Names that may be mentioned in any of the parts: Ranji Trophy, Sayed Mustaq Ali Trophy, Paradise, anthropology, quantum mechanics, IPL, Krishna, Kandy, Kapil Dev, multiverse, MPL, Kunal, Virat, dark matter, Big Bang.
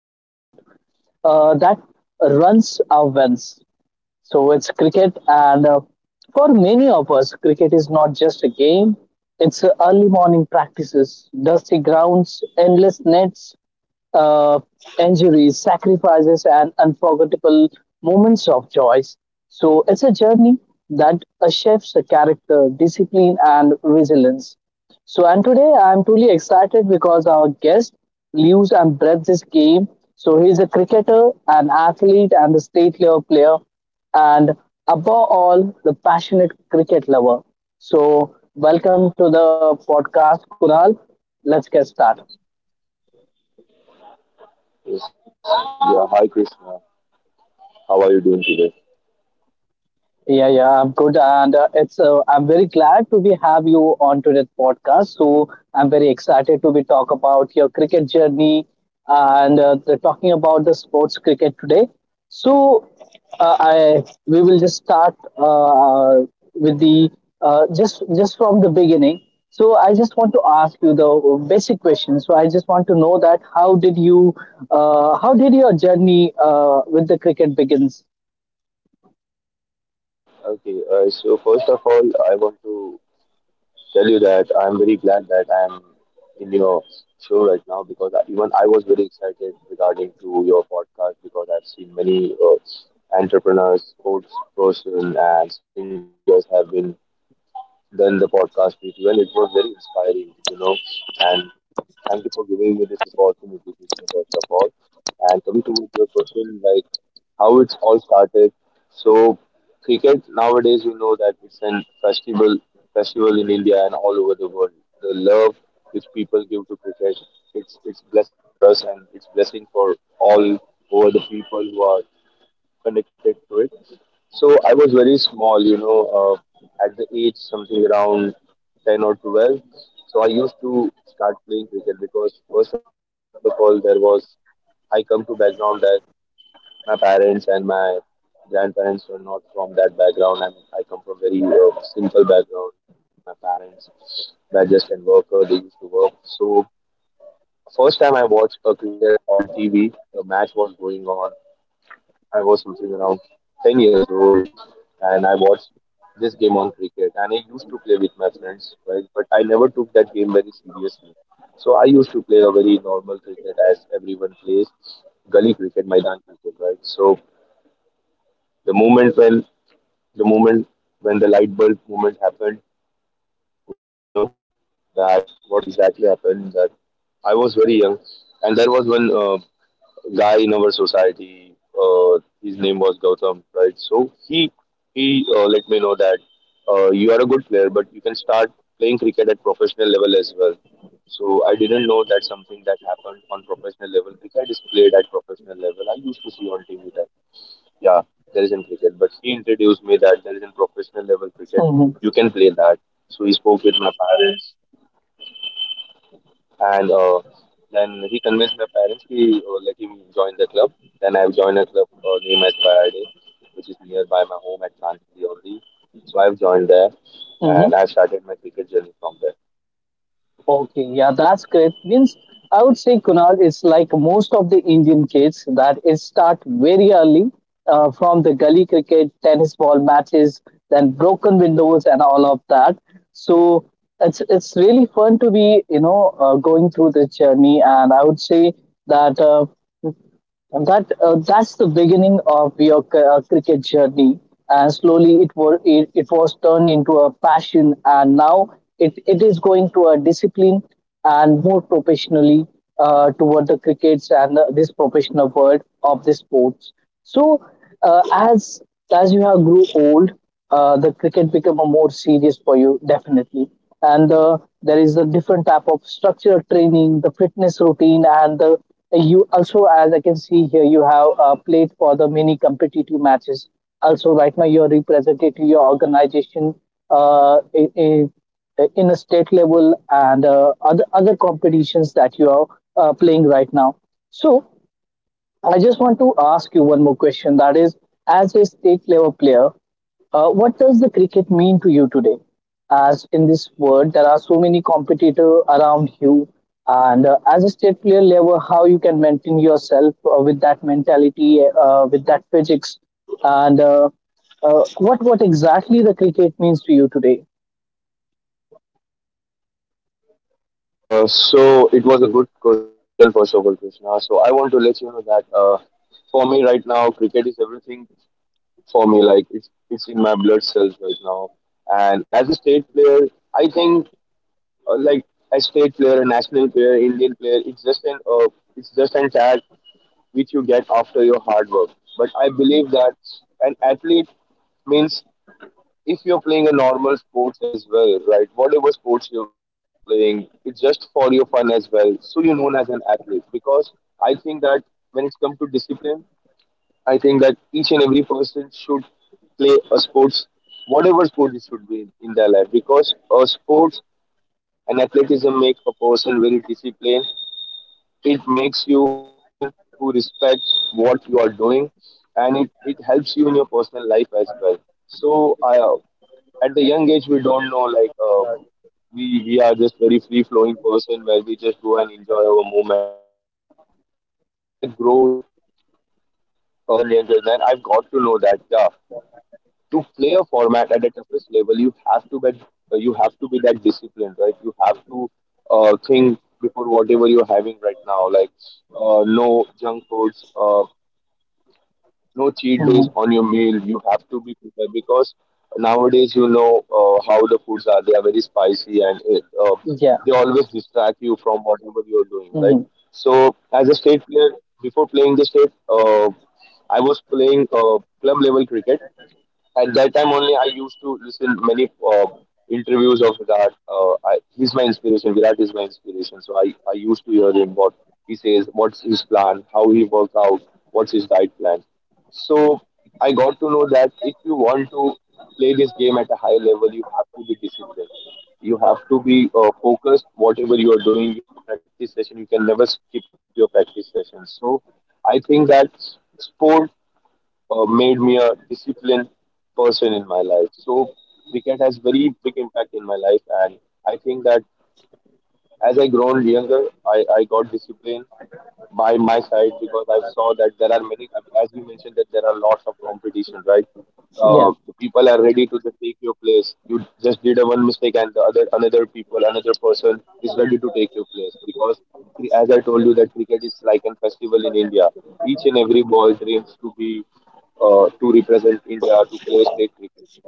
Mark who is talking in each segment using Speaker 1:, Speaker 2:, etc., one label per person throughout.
Speaker 1: a sport that runs our veins. So, it's cricket, and for many of us, cricket is not just a game, it's early morning practices, dusty grounds, endless nets, uh, injuries, sacrifices, and unforgettable moments of joy. So it's a journey that shapes the character, discipline, and resilience. So, and today I'm truly excited because our guest lives and breathes this game. So, he's a cricketer, an athlete, and a state level player, and above all, the passionate cricket lover. So, welcome to the podcast, Kunal. Let's get started.
Speaker 2: Yes. Yeah, hi Krishna. How are you doing today?
Speaker 1: Yeah, yeah, I'm good, and it's I'm very glad to be have you on today's podcast. So I'm very excited to be talk about your cricket journey and talking about the sports cricket today. So I we will just start with the just from the beginning. So I just want to ask you the basic question. So I just want to know that how did your journey with the cricket begins?
Speaker 2: Okay, so first of all, I want to tell you that I'm very glad that I'm in your show right now because even I was very excited regarding to your podcast because I've seen many entrepreneurs, sports person, and singers have been done the podcast with you, and it was very inspiring, you know. And thank you for giving me this opportunity, Krishna, first of all. And coming to your question, like how it's all started. So cricket nowadays, you know that it's an festival in India and all over the world. The love which people give to cricket, it's blessing for us and it's blessing for all over the people who are connected to it. So I was very small, you know, at the age something around 10 or 12. So I used to start playing cricket because, first of all, I come to background that my parents and my grandparents were not from that background. I come from very simple background. My parents were just an worker, they used to work. So first time I watched a cricket on TV, the match was going on I was something around 10 years old and I watched this game on cricket and I used to play with my friends, right? But I never took that game very seriously. So I used to play a very normal cricket as everyone plays, gully cricket, Maidan cricket, right? So the moment when the moment when the light bulb moment happened, you know, that what exactly happened that I was very young and there was one guy in our society. His name was Gautam, right? So he let me know that you are a good player, but you can start playing cricket at professional level as well. So I didn't know that something that happened on professional level. Cricket is played at professional level. I used to see on TV that yeah, there is in cricket, but he introduced me that there is in professional level cricket.
Speaker 1: Mm-hmm.
Speaker 2: You can play that. So he spoke with my parents. And Then he convinced my parents to let him join the club. Then I've joined a club named as Paradise, which is nearby my home at Kandy only. So I've joined there and
Speaker 1: Mm-hmm.
Speaker 2: I started my cricket journey from there.
Speaker 1: Okay, yeah, that's great. Means I would say Kunal it's like most of the Indian kids that it start very early from the gully cricket, tennis ball matches, then broken windows and all of that. So it's really fun to be going through this journey, and I would say that. And that's the beginning of your cricket journey, and slowly it was it was turned into a passion, and now it is going to a discipline and more professionally toward the crickets and this professional world of the sports. So uh, as as you have grew old, the cricket become a more serious for you definitely, and there is a different type of structural training, the fitness routine, and the you also as I can see here you have played for the many competitive matches. Also, right now you're representing your organization uh, in, in in a state level and other competitions that you are playing right now. So I just want to ask you one more question. That is, as a state level player, what does the cricket mean to you today? As in this world, there are so many competitors around you, and as a state player level, how you can maintain yourself with that mentality, with that physics, and what exactly the cricket means to you today?
Speaker 2: So it was a good question, first of all, Krishna. So I want to let you know that for me right now, cricket is everything for me. Like it's in my blood cells right now. And as a state player, I think like a state player, a national player, Indian player. It's just an tag which you get after your hard work. But I believe that an athlete means if you're playing a normal sports as well, right? Whatever sports you're playing, it's just for your fun as well. So you're known as an athlete because I think that when it comes to discipline, I think that each and every person should play a sports, whatever sport it should be in their life, because a sports and athleticism make a person very disciplined. It makes you a person who respects what you are doing, and it helps you in your personal life as well. So, at the young age, we don't know like we are just very free flowing person where we just go and enjoy our moment. But as I grow younger and younger, then I've got to know that yeah to play a format at the toughest level, you have to be that disciplined, right? You have to think before whatever you're having right now, like no junk foods, no cheat days
Speaker 1: Hmm.
Speaker 2: on your meal. You have to be prepared because nowadays you know how the foods are. They are very spicy and
Speaker 1: Yeah.
Speaker 2: they always distract you from whatever you're doing, right?
Speaker 1: Hmm.
Speaker 2: So as a state player, before playing the state, I was playing club level cricket at that time only I used to listen many interviews of Virat. He's my inspiration. Virat is my inspiration. So I used to hear him what he says, what's his plan, how he works out, what's his diet plan. So I got to know that if you want to play this game at a higher level, you have to be disciplined. You have to be focused. Whatever you are doing, your practice session, you can never skip your practice session. So I think that sport made me a disciplined person in my life. So cricket has very big impact in my life, and I think that as I grown younger, I got discipline by my side because I saw that there are many, as we mentioned, that there are lots of competition, right?
Speaker 1: Yeah.
Speaker 2: The people are ready to just take your place. You just did a one mistake, and the another person is ready to take your place because, as I told you, that cricket is like a festival in India. Each and every ball dreams to be to represent India to play state cricket.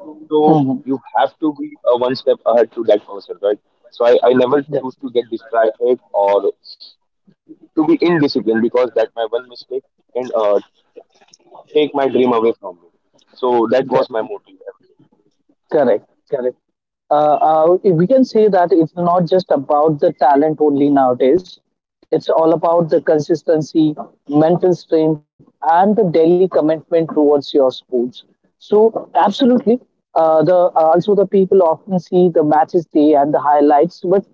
Speaker 2: So
Speaker 1: Hmm.
Speaker 2: you have to be a one step ahead to that person, right? So I never choose to get distracted or to be indisciplined because that my one mistake can take my dream away from me. So that was my
Speaker 1: Yeah.
Speaker 2: motive.
Speaker 1: Correct, correct. We can say that it's not just about the talent only nowadays. It's all about the consistency, mental strength, and the daily commitment towards your sports. So, absolutely, the also the people often see the matches day and the highlights, but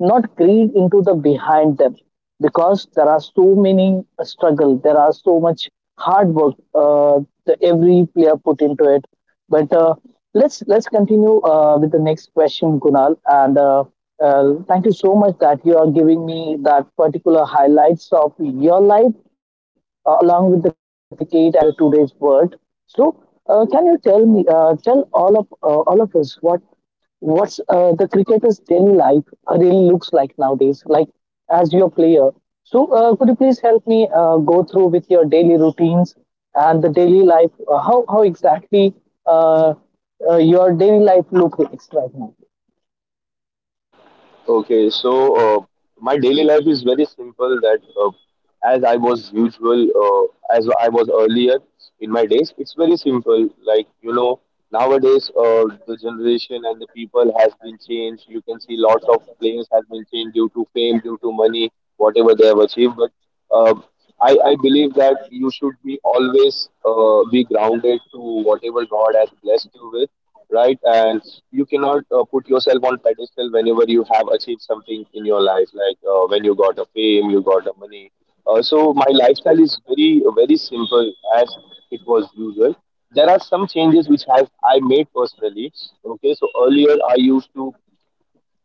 Speaker 1: not greed into the behind them because there are so many struggle there are so much hard work uh, the every player put into it but let's continue with the next question Kunal and thank you so much that you are giving me that particular highlights of your life along with the cricket and the today's world so can you tell all of us what's the cricketer's daily life really looks like nowadays, like as your player. So, could you please help me go through with your daily routines and the daily life? How exactly uh, your daily life look like right now?
Speaker 2: Okay, so my daily life is very simple. That as I was usual, As I was earlier in my days, it's very simple. Like you know, nowadays the generation and the people has been changed. You can see lots of players has been changed due to fame, due to money, whatever they have achieved. But uh, I believe that you should be always be grounded to whatever God has blessed you with, right? And you cannot put yourself on pedestal whenever you have achieved something in your life, like when you got a fame, you got a money. So my lifestyle is very very simple as it was usual. There are some changes which have I made personally. Okay, so earlier I used to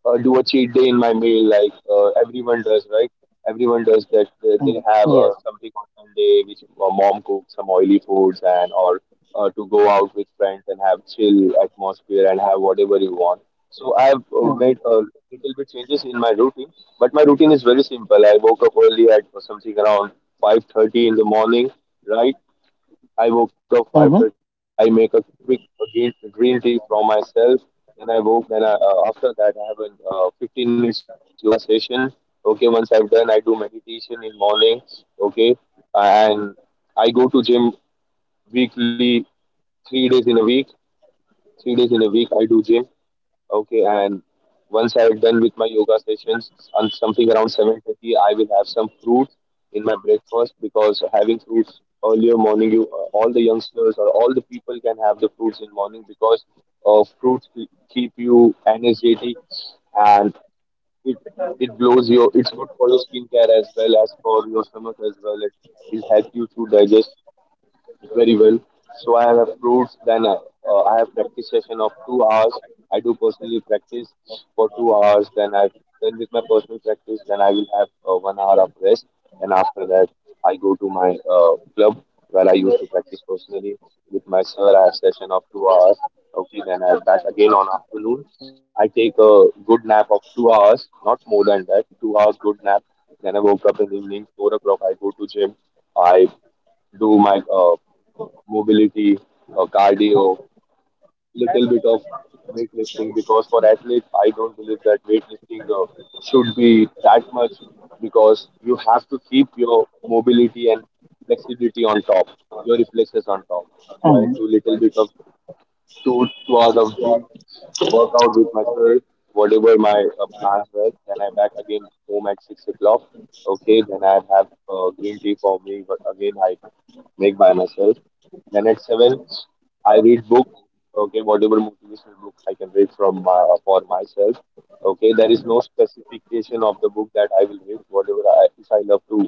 Speaker 2: do a cheat day in my meal like everyone does that they have
Speaker 1: Mm, yes.
Speaker 2: something on Sunday, which mom cooks some oily foods, and or to go out with friends and have chill atmosphere and have whatever you want. So I've made a
Speaker 1: Mm-hmm.
Speaker 2: little bit changes in my routine, but my routine is very simple. I woke up early at something around 5:30 in the morning, right? I woke up
Speaker 1: Mm-hmm.
Speaker 2: 5:30. I make a quick green tea for myself. Then I woke. Then after that, I have a 15 minutes yoga session. Okay, once I've done, I do meditation in morning. Okay, and I go to gym weekly, 3 days in a week. 3 days in a week, I do gym. Okay, and once I'm done with my yoga sessions, on something around 7:30, I will have some fruits in my breakfast because having fruits earlier morning, you all the youngsters or all the people can have the fruits in morning because keep you energetic and it it blows your. It's good for your skincare as well as for your stomach as well. It will help you to digest very well. So I have approved. Then I have practice session of 2 hours. I do personally practice for 2 hours. Then with my personal practice, then I will have 1 hour of rest. And after that, I go to my club where I used to practice personally with my sir. I have session of 2 hours. Okay, then I'm back again on afternoon. I take a good nap of 2 hours, not more than that. 2 hours good nap. Then I woke up in the evening, 4 o'clock. I go to gym. I do my mobility, cardio, little bit of weightlifting. Because for athletes, I don't believe that weightlifting should be that much because you have to keep your mobility and flexibility on top, your reflexes on top. So I
Speaker 1: Mm-hmm.
Speaker 2: do little bit of two hours of gym workout with myself, whatever my plans were. Then I back again home at 6 o'clock. Okay, then I have green tea for me. But again, I make by myself. Then at seven, I read books. Okay, whatever motivational book I can read for myself. Okay, there is no specification of the book that I will read. Whatever I if I love to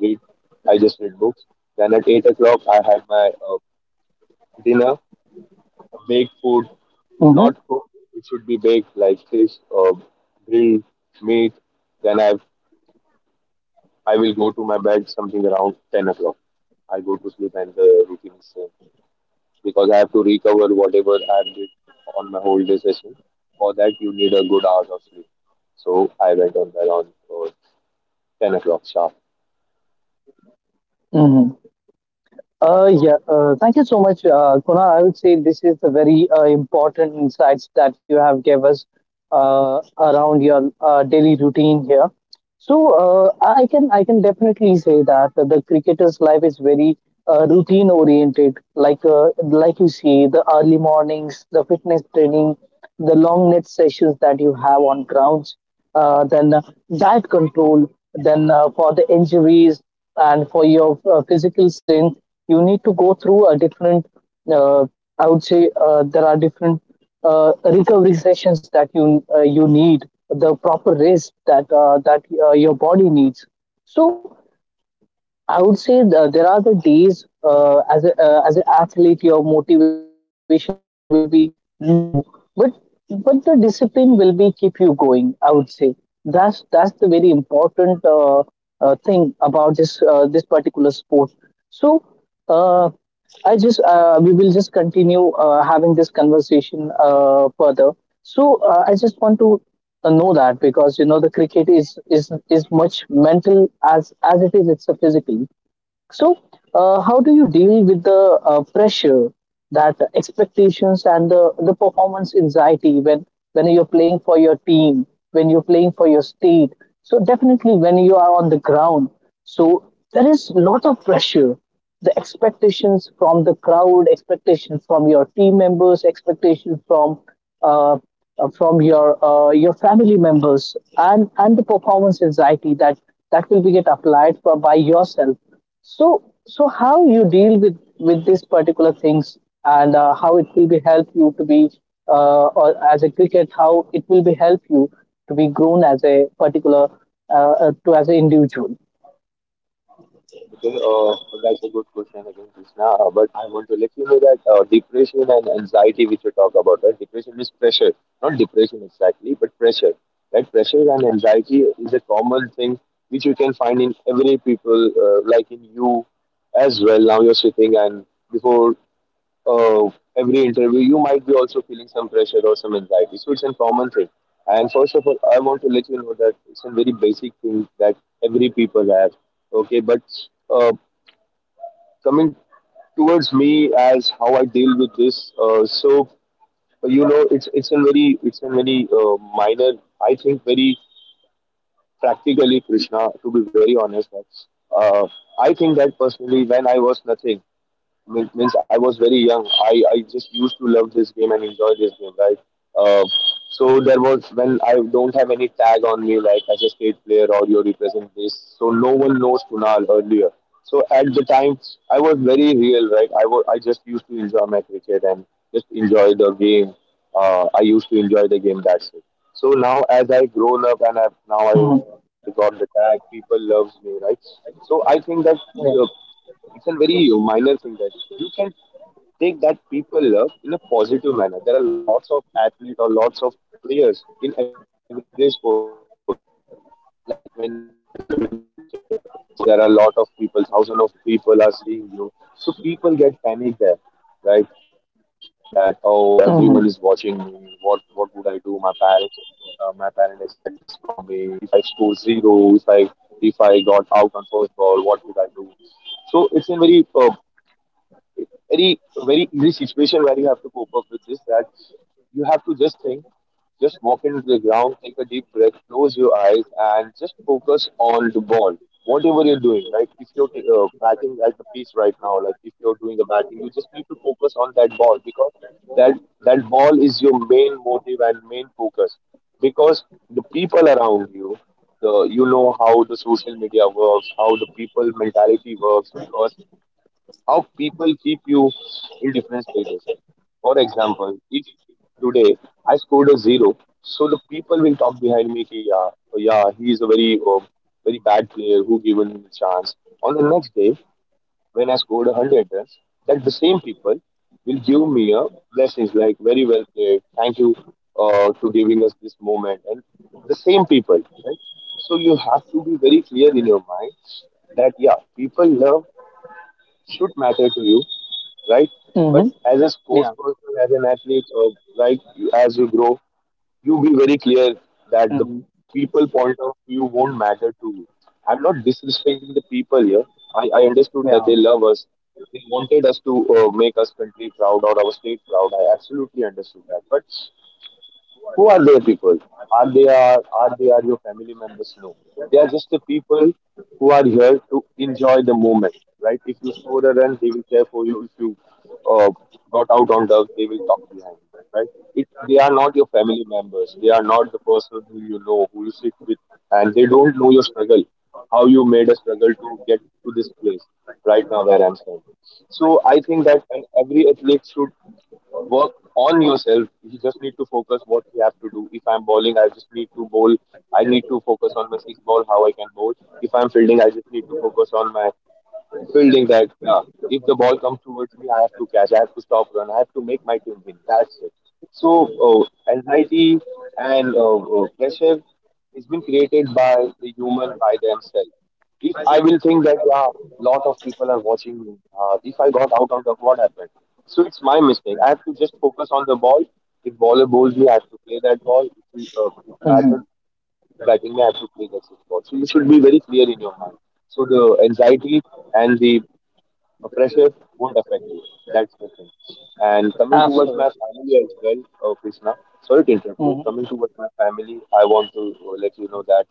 Speaker 2: read, I just read books. Then at 8 o'clock, I have my dinner, baked food,
Speaker 1: Mm-hmm.
Speaker 2: not cooked. It should be baked like fish or grilled meat. Then I will go to my bed something around 10 o'clock. I go to sleep and the routine is same, because I have to recover whatever I did on my whole day session. For that, you need a good hours of sleep. So I went on around 10 o'clock sharp.
Speaker 1: Mm-hmm. Yeah, thank you so much, Kunal. I would say this is the very important insights that you have gave us around your daily routine here. So I can definitely say that the cricketer's life is very routine oriented. Like you see the early mornings, the fitness training, the long net sessions that you have on grounds, then diet control, then for the injuries and for your physical strength, you need to go through a different uh, I would say there are different recovery sessions that you need, the proper rest that your body needs. So I would say there are the days as an athlete, your motivation will be low, but but the discipline will be keep you going. I would say that's the very important thing about this particular sport. So uh, I just we will just continue having this conversation further. So I just want to know that because you know the cricket is much mental as it's a physical so, how do you deal with the pressure, that expectations, and the performance anxiety when you're playing for your team, when you're playing for your state? So definitely when you are on the ground, so there is a lot of pressure. The expectations from the crowd, expectations from your team members, expectations uh, from your family members, and the performance anxiety that will be get applied for by yourself so, so how you deal with these particular things, and how it will be help you to be, or as a cricket, how it will be help you to be grown as a particular, to as an individual.
Speaker 2: Okay, uh, that's a good question again, Krishna. But I want to let you know that depression and anxiety, which you talk about, right? Depression is pressure, not depression exactly, but pressure. Right? Pressure and anxiety is a common thing which you can find in every people, like in you as well. Now you're sitting and before uh, every interview, you might be also feeling some pressure or some anxiety. So it's a common thing. And first of all, I want to let you know that it's a very basic thing that every people have. Okay, but uh, Coming towards me as how I deal with this, so you know, it's a very minor, I think, very practically Krishna. To be very honest, uh, I think that personally, when I was nothing means I was very young. I just used to love this game and enjoy this game, right? Uh, so there was when I don't have any tag on me like as a state player or you represent this, so no one knows Kunal earlier. So at the time, I was very real, right? I just used to enjoy my cricket and just enjoy the game. I used to enjoy the game. That's it. So now as I grown up and now I got
Speaker 1: Mhm.
Speaker 2: the tag, people loves me, right? So I think that. Uh,
Speaker 1: Yeah.
Speaker 2: it's a very minor thing that you can take that people love in a positive manner. There are lots of athletes or lots of players in every sport. Like when whenever you are in stadium, right? So there are a lot of people, thousands of people are seeing you. So people get panic there, right? That oh,
Speaker 1: Mm-hmm.
Speaker 2: everyone is watching me. What would I do? My parents expect this from me. If I score zero, if I got out on first ball, what would I do? So it's a very very easy situation where you have to cope up with this, that you have to just think, just walk into the ground, take a deep breath, close your eyes, and just focus on the ball whatever you're doing, right? If you're batting at the pitch right now, like if you're doing the batting, you just need to focus on that ball, because that that ball is your main motive and main focus, because the people around you, the you know how the social media works, how the people mentality works, because how people keep you in different status. For example, if today I scored a zero, so the people will talk behind me, ki, yeah, oh, yeah, he is a very bad player, who given him a chance. On the next day, when I scored 100 runs, that the same people will give me a blessings like very well played, thank you to giving us this moment, and the same people, right? So you have to be very clear in your mind that yeah, people love should matter to you, right?
Speaker 1: Mm-hmm.
Speaker 2: But as a
Speaker 1: Yeah.
Speaker 2: sports person, as an athlete, or like you, as you grow, you be very clear that the people point of view won't matter to you. I'm not disrespecting the people here. I understood that they love us. They wanted us to make us country proud or our state proud. I absolutely understood that. But who are their people? Are they are your family members? No, they are just the people who are here to enjoy the moment. Right? If you score a run, they will cheer for you. If you uh, got out on dubs, they will talk behind you. Right? It, they are not your family members. They are not the person who you know, who you sit with, and they don't know your struggle, how you made a struggle to get to this place right now where I'm standing. So I think that and every athlete should work on yourself. You just need to focus what you have to do. If I'm bowling, I just need to bowl. I need to focus on my six ball, how I can bowl. If I'm fielding, I just need to focus on my building that, yeah. If the ball comes towards me, I have to catch. I have to stop run. I have to make my team win. That's it. So anxiety and pressure has been created by the human by themselves. If I will think that yeah, lot of people are watching me. If I got out of the what happened? So it's my mistake. I have to just focus on the ball. If baller bowls me, I have to play that ball. If batter
Speaker 1: Mm-hmm.
Speaker 2: batting the absolutely gets his ball. So you should be very clear in your mind. So the anxiety and the pressure won't affect you. That's the thing. And coming towards my
Speaker 1: Absolutely.
Speaker 2: family as well, Krishna. Sorry to interrupt you.
Speaker 1: Mm-hmm.
Speaker 2: Coming towards my family, I want to let you know that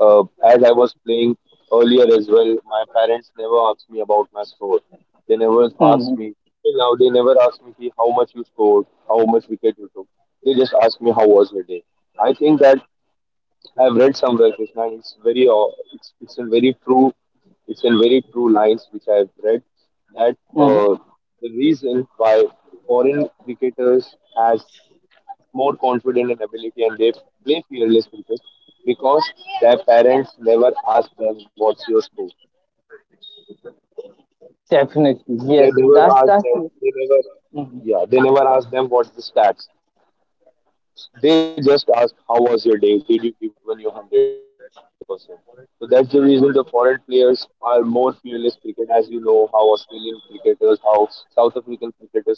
Speaker 2: uh, as I was playing earlier as well, my parents never asked me about my score. They never asked
Speaker 1: Mm-hmm.
Speaker 2: me. Till now, they never asked me, "Ki, how much you scored, how much wicket you took. They just asked me how was your day. I think that I've read somewhere, Krishna, and it's very, it's in very true, it's in very true lines which I've read, that uh,
Speaker 1: Mm-hmm.
Speaker 2: the reason why foreign cricketers has more confidence and ability and they play fearless cricket because their parents never ask them what's your score.
Speaker 1: Definitely.
Speaker 2: They
Speaker 1: Yes.
Speaker 2: never
Speaker 1: That's
Speaker 2: ask
Speaker 1: that's.
Speaker 2: them. They never, yeah, they never ask them what's the stats. They just ask, how was your day? Did you give your 100%? So that's the reason the foreign players are more fearless cricket, as you know, how Australian cricketers, how South African cricketers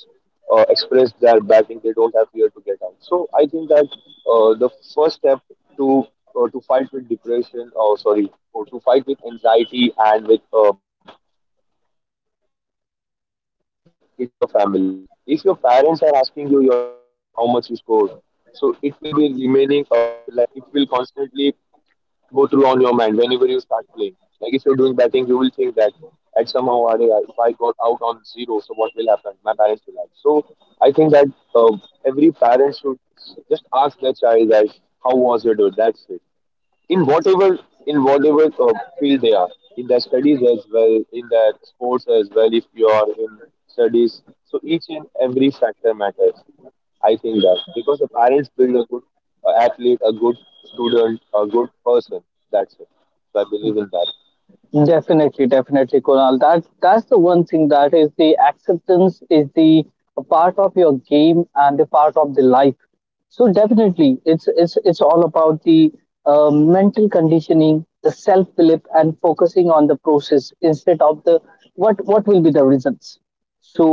Speaker 2: express their batting. They don't have fear to get out. So I think that the first step to to fight with depression, or sorry, or to fight with anxiety and with what pressure? It's your family. If your parents are asking you your stats, how much you scored, so it will be remaining like it will constantly go through on your mind whenever you start playing. Like if you're doing batting, you will think that at somehow if I got out on zero, so what will happen? My parents will ask. So I think that uh, every parent should just ask their child that how was your day? That's it, in whatever, in whatever field they are, in their studies as well, in their sports as well. If you are in studies, so each and every factor matters. I think that, because the parents build a good athlete, a good student, a good person. That's it. So I believe in that.
Speaker 1: Definitely, definitely, Kunal. That's the one thing that is the acceptance is the a part of your game and a part of the life. So definitely, it's all about the mental conditioning, the self belief, and focusing on the process instead of the what will be the results. So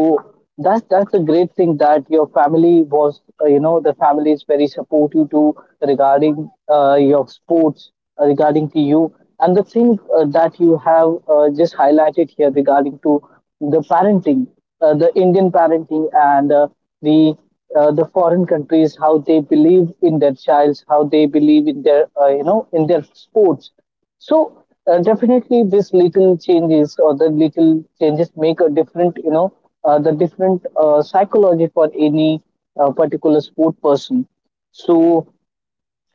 Speaker 1: that's a great thing that your family was, you know, the family is very supportive to regarding your sports, regarding to you, and the thing that you have just highlighted here regarding to the parenting, the Indian parenting, and the the foreign countries how they believe in their childs, how they believe in their you know in their sports. So definitely, this little changes or the little changes make a different, the different psychology for any particular sport person. So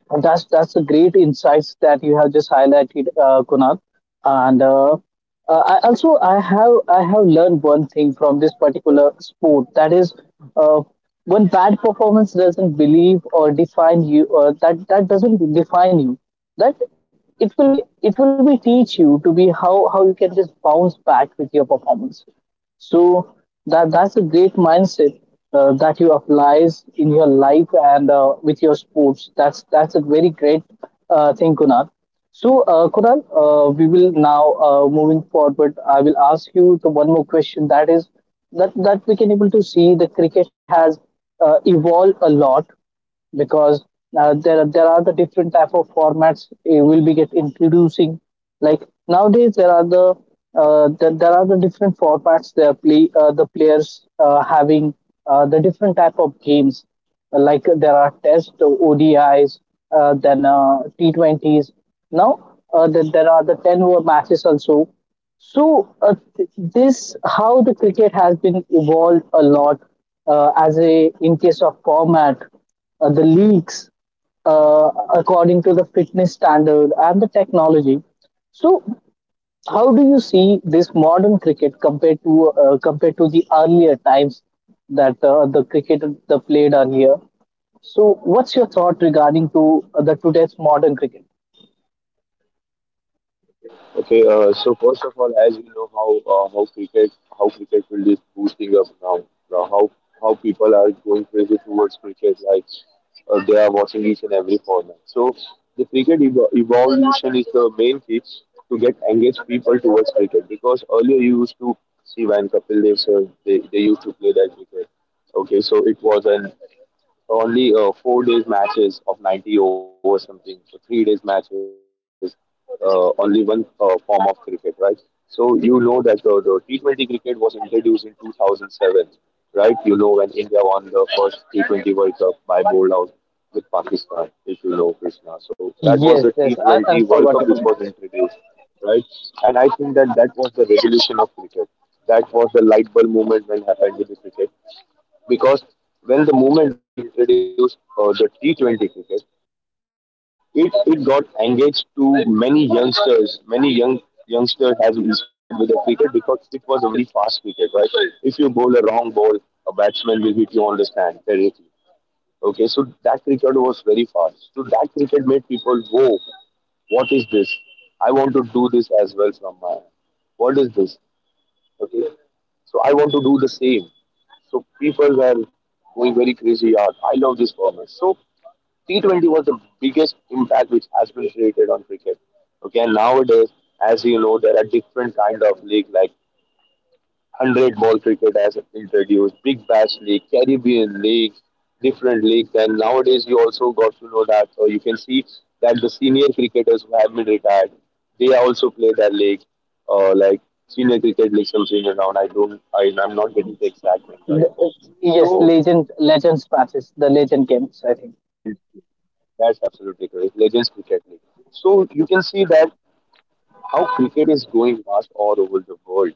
Speaker 1: and that's a great insights that you have just highlighted, Kunal. And I have learned one thing from this particular sport that is, uh, one bad performance doesn't believe or define you, or that doesn't define you. That it will be teach you to be how you can just bounce back with your performance. So that's a great mindset that you applies in your life and with your sports. That's a very great thing, Kunal. So Kunal, we will now moving forward. I will ask you the one more question. That is that we can able to see the cricket has evolved a lot because there are the different type of formats will be get introducing. Like nowadays, there are the different formats. They are play the players having the different type of games. Like there are Test ODIs, then T20s. Now there are the 10 over matches also so this how the cricket has been evolved a lot as a in case of format, the leagues uh, according to the fitness standard and the technology. So how do you see this modern cricket compared to the earlier times that the cricket the played earlier? So what's your thought regarding to the today's modern cricket?
Speaker 2: Okay, so first of all, as you know how how cricket field is boosting up now, now how how people are going crazy towards cricket, like they are watching each and every format. So the cricket evolution is the main key to get engaged people towards cricket, because earlier you used to see when Kapil Dev sir, they used to play that cricket. Okay, so it was an only 4 days matches of 90 overs something, so 3 days matches, only one form of cricket, right? So you know that the T20 cricket was introduced in 2007, right? You know when India won the first T20 world cup by bowled out with Pakistan, if you know, Krishna. So that was
Speaker 1: Yes,
Speaker 2: the
Speaker 1: yes, an
Speaker 2: T20 world cup
Speaker 1: unforgettable
Speaker 2: which was
Speaker 1: match.
Speaker 2: introduced, right? And I think that that was the revolution of cricket. That was the light bulb moment when happened with the cricket, because when the moment when we introduced the T20 cricket, it got engaged to many youngsters. Many youngsters has inspired with the cricket because it was a very fast cricket, right? If you bowl a wrong ball, a batsman will hit you on the stand directly. Okay, so that cricket was very fast. So that cricket made people go, what is this? I want to do this as well from my end. What is this? Okay, so I want to do the same. So people were going very crazy. "Yeah, I love this format." So T20 was the biggest impact which has been created on cricket. Okay, and nowadays, as you know, there are different kind of league like 100 ball cricket as introduced, big bash league, Caribbean league, different leagues. And nowadays, you also got to know that, or you can see that the senior cricketers who have been retired, they also play that league, like senior cricket league, some senior round. I don't, I, I'm not getting the exact name right now.
Speaker 1: The- yes,
Speaker 2: So,
Speaker 1: legends patches. The legend games, I think.
Speaker 2: legends, that's absolutely correct, legends cricket league. So you can see that how cricket is going fast all over the world.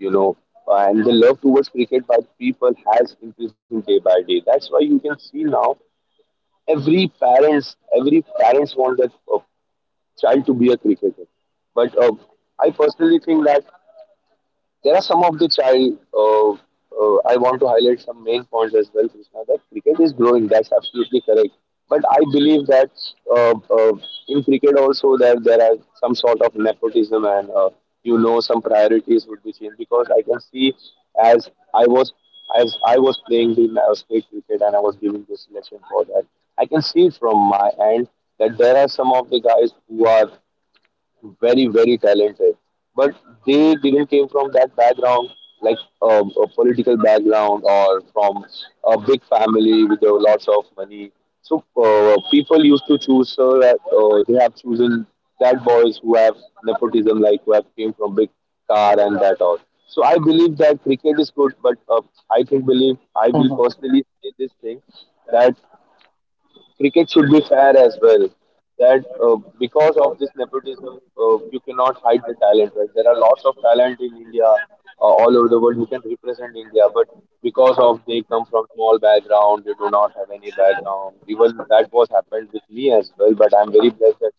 Speaker 2: You know, and the love towards cricket by the people has increasing day by day. That's why you can see now every parents want their child to be a cricketer. But I personally think that there are some of which I want to highlight some main points as well, Krishna. That cricket is growing. That's absolutely correct. But I believe that uh, uh, in cricket also there are some sort of nepotism and you know some priorities would be changed because I can see as I was as I was playing the state cricket and I was giving the selection for that. I can see from my end that there are some of the guys who are very very talented but they didn't came from that background like a political background or from a big family with lots of money. So people used to choose her they have chosen that boys who have nepotism like who have came from big car and that all. So I believe that cricket is good, but I think believe I will
Speaker 1: Hmm.
Speaker 2: personally say this thing that cricket should be fair as well. That because of this nepotism, you cannot hide the talent. Right? There are lots of talent in India, all over the world, who can represent India, but because of they come from small background, they do not have any background. Even that was happened with me as well. But I'm very blessed that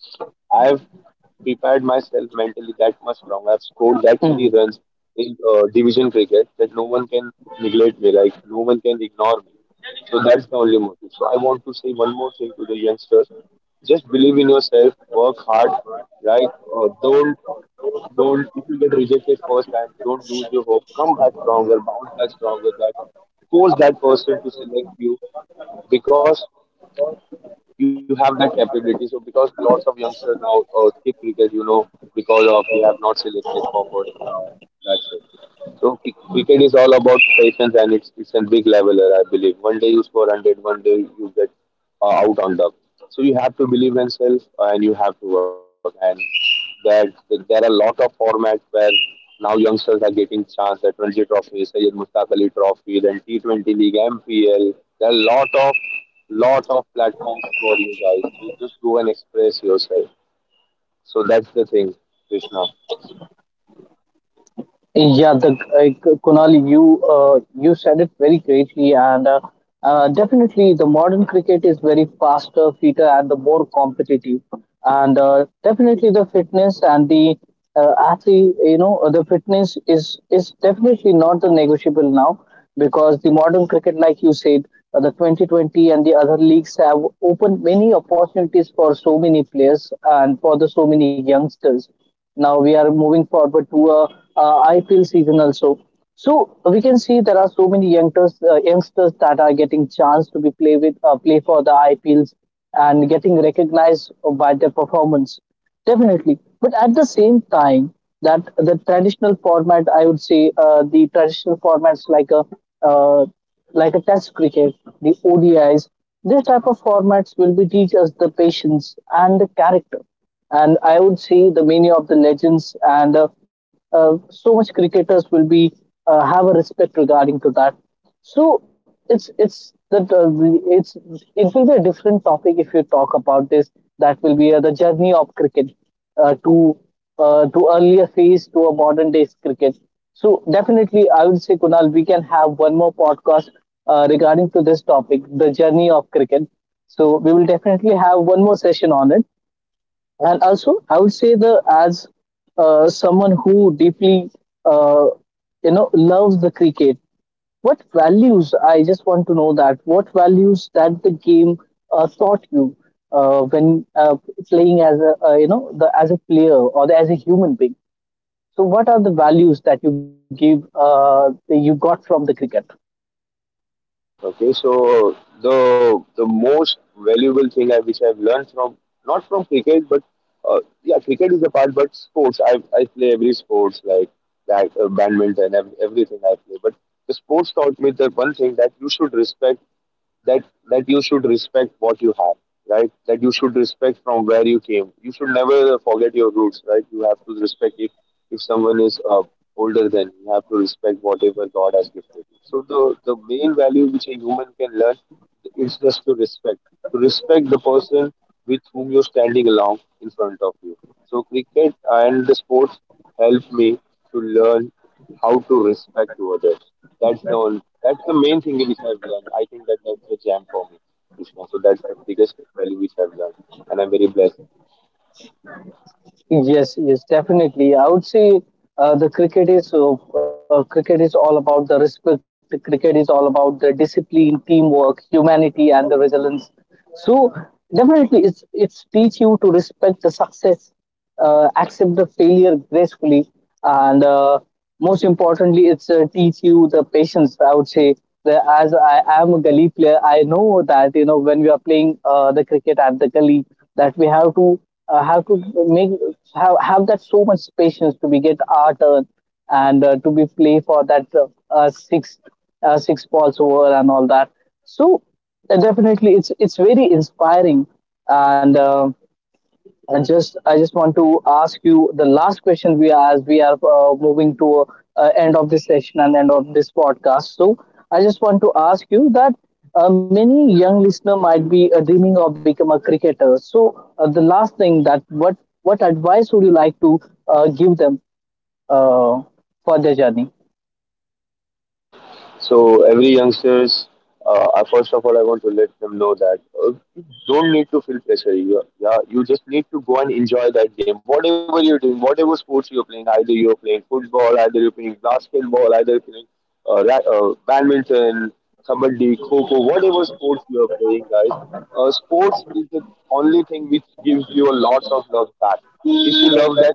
Speaker 2: I have prepared myself mentally that much strong. I've scored that many
Speaker 1: Hmm.
Speaker 2: runs in division cricket that no one can neglect me, like no one can ignore me. So that's the only motive. So I want to say one more thing to the youngsters: just believe in yourself, work hard, right? Don't if you get rejected first time, don't lose your hope. Come back stronger, bounce back stronger. That force that person to select you because you have that capability. So because lots of youngsters now skip cricket, you know, because of they have not selected for first round. That's it. So cricket is all about patience, and it's a big leveler, I believe. One day you score hundred, one day you get out on the. So you have to believe in self, and you have to work. And that there are a lot of formats where now youngsters are getting chance at Ranji Trophy, Sayed Mustaq Ali Trophy, then T20 League, MPL. There are a lot of platforms for you guys. So just go and express yourself. So that's the thing, Krishna.
Speaker 1: Yeah, the Kunal, you you said it very greatly, and definitely the modern cricket is very faster, fitter, and the more competitive, and definitely the fitness and the athlete, the fitness is definitely not the negotiable now because the modern cricket, like you said, the 2020 and the other leagues have opened many opportunities for so many players and for the so many youngsters now we are moving forward to a IPL season also. So we can see there are so many youngsters, youngsters that are getting chance to be play with play for the IPLs and getting recognized by their performance. Definitely, but at the same time, that the traditional format, I would say, the traditional formats uh, like a Test cricket, the ODIs, this type of formats will be teach us the patience and the character. And I would say the many of the legends and so much cricketers will be have a respect regarding to that. So it's that it's it will be a different topic if you talk about this. That will be the journey of cricket uh, to to earlier phase to a modern day cricket. So definitely, I would say Kunal, we can have one more podcast regarding to this topic, the journey of cricket. So we will definitely have one more session on it. And also I would say the as someone who deeply uh, you know loves the cricket. What values, I just want to know that what values that the game taught you when playing as a you know the as a player or the, as a human being. So what are the values that you give that you got from the cricket?
Speaker 2: Okay, so the most valuable thing I which I've learned from, not from cricket, but yeah, cricket is a part, but sports. I play every sports like that, badminton, everything I play. But the sports taught me the one thing that you should respect, that that you should respect what you have, right? That you should respect from where you came. You should never forget your roots. Right? You have to respect. If someone is older than you, you have to respect whatever god has gifted you. So the main value which a human can learn is just to respect, to respect the person with whom you're standing along in front of you. So cricket and the sports help me to learn how to respect to others. That's the only, that's the main thing which I've learned. I think that that's the jam for me, Krishna. So that's the biggest value which I've learned, and I'm very blessed.
Speaker 1: Yes, yes, definitely. I would say the cricket is all about the respect. The cricket is all about the discipline, teamwork, humanity, and the resilience. So definitely, it's teach you to respect the success, accept the failure gracefully, and most importantly, it's teach you the patience. I would say that as I am a gully player, I know that you know when we are playing the cricket at the gully, that we have to make have that so much patience to be get our turn and to be play for that uh, six six balls over and all that. So definitely, it's very inspiring. And. I just want to ask you the last question. We are as we are moving to end of this session and end of this podcast. So I just want to ask you that many young listener might be dreaming of become a cricketer. So the last thing that what advice would you like to give them uh, for their journey?
Speaker 2: So every youngsters, first of all, I want to let them know that you don't need to feel pressure. You, yeah, you just need to go and enjoy that game. Whatever you're doing, whatever sports you're playing, either you're playing football, either you're playing basketball, either you're playing badminton, kabaddi, kho-kho, whatever sports you are playing, guys. Sports is the only thing which gives you a lot of love back. If you love that,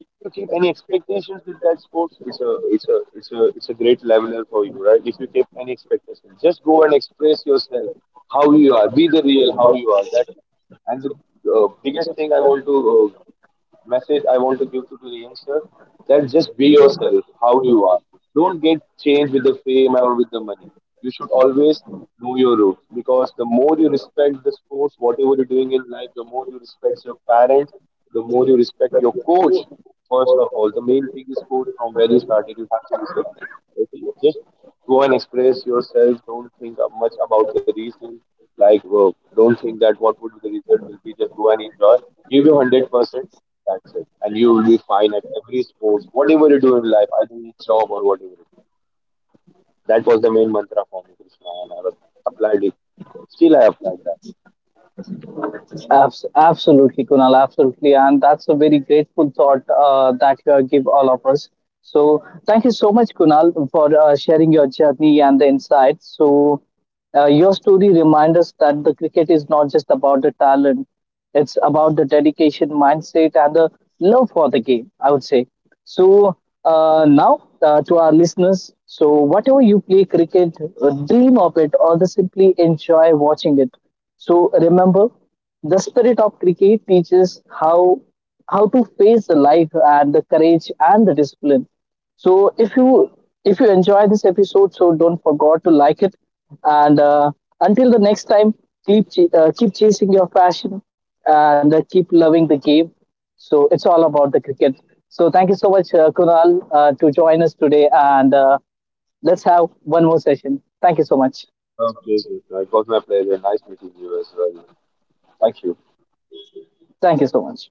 Speaker 2: if you keep any expectations with that sports, it's a great leveler for you, right? If you keep any expectations, just go and express yourself how you are, be the real how you are. That and the biggest thing I want to message I want to give to the youngsters, that just be yourself, how you are. Don't get changed with the fame or with the money. You should always know your roots because the more you respect the sports, whatever you're doing in life, the more you respect your parents, the more you respect your coach. First of all, the main thing is coach from where you started. You have to respect. Okay? Just go and express yourself. Don't think of much about the reason. Like, well, don't think that what would be the result will be. Just go and enjoy. Give you 100%, that's it. And you will be fine at every sports, whatever you do in life, I think it's job or whatever it is. That was the main mantra for me, Krishna, and applied it. Still, I applied that.
Speaker 1: Absolutely, Kunal, absolutely. And that's a very grateful thought that you give all of us. So, thank you so much, Kunal, for sharing your journey and the insights. So, your story reminds us that the cricket is not just about the talent, it's about the dedication, mindset, and the love for the game, I would say. So, now to our listeners, so whatever you play cricket, dream of it or the simply enjoy watching it. So remember, the spirit of cricket teaches how to face the life and the courage and the discipline. So if you enjoy this episode, so don't forget to like it. And Until the next time, keep chasing your passion and keep loving the game. So it's all about the cricket. So thank you so much, Kunal, to join us today, and let's have one more session. Thank you so much.
Speaker 2: Okay, okay. So it was my pleasure. Nice meeting you as well. Thank you.
Speaker 1: Thank you so much.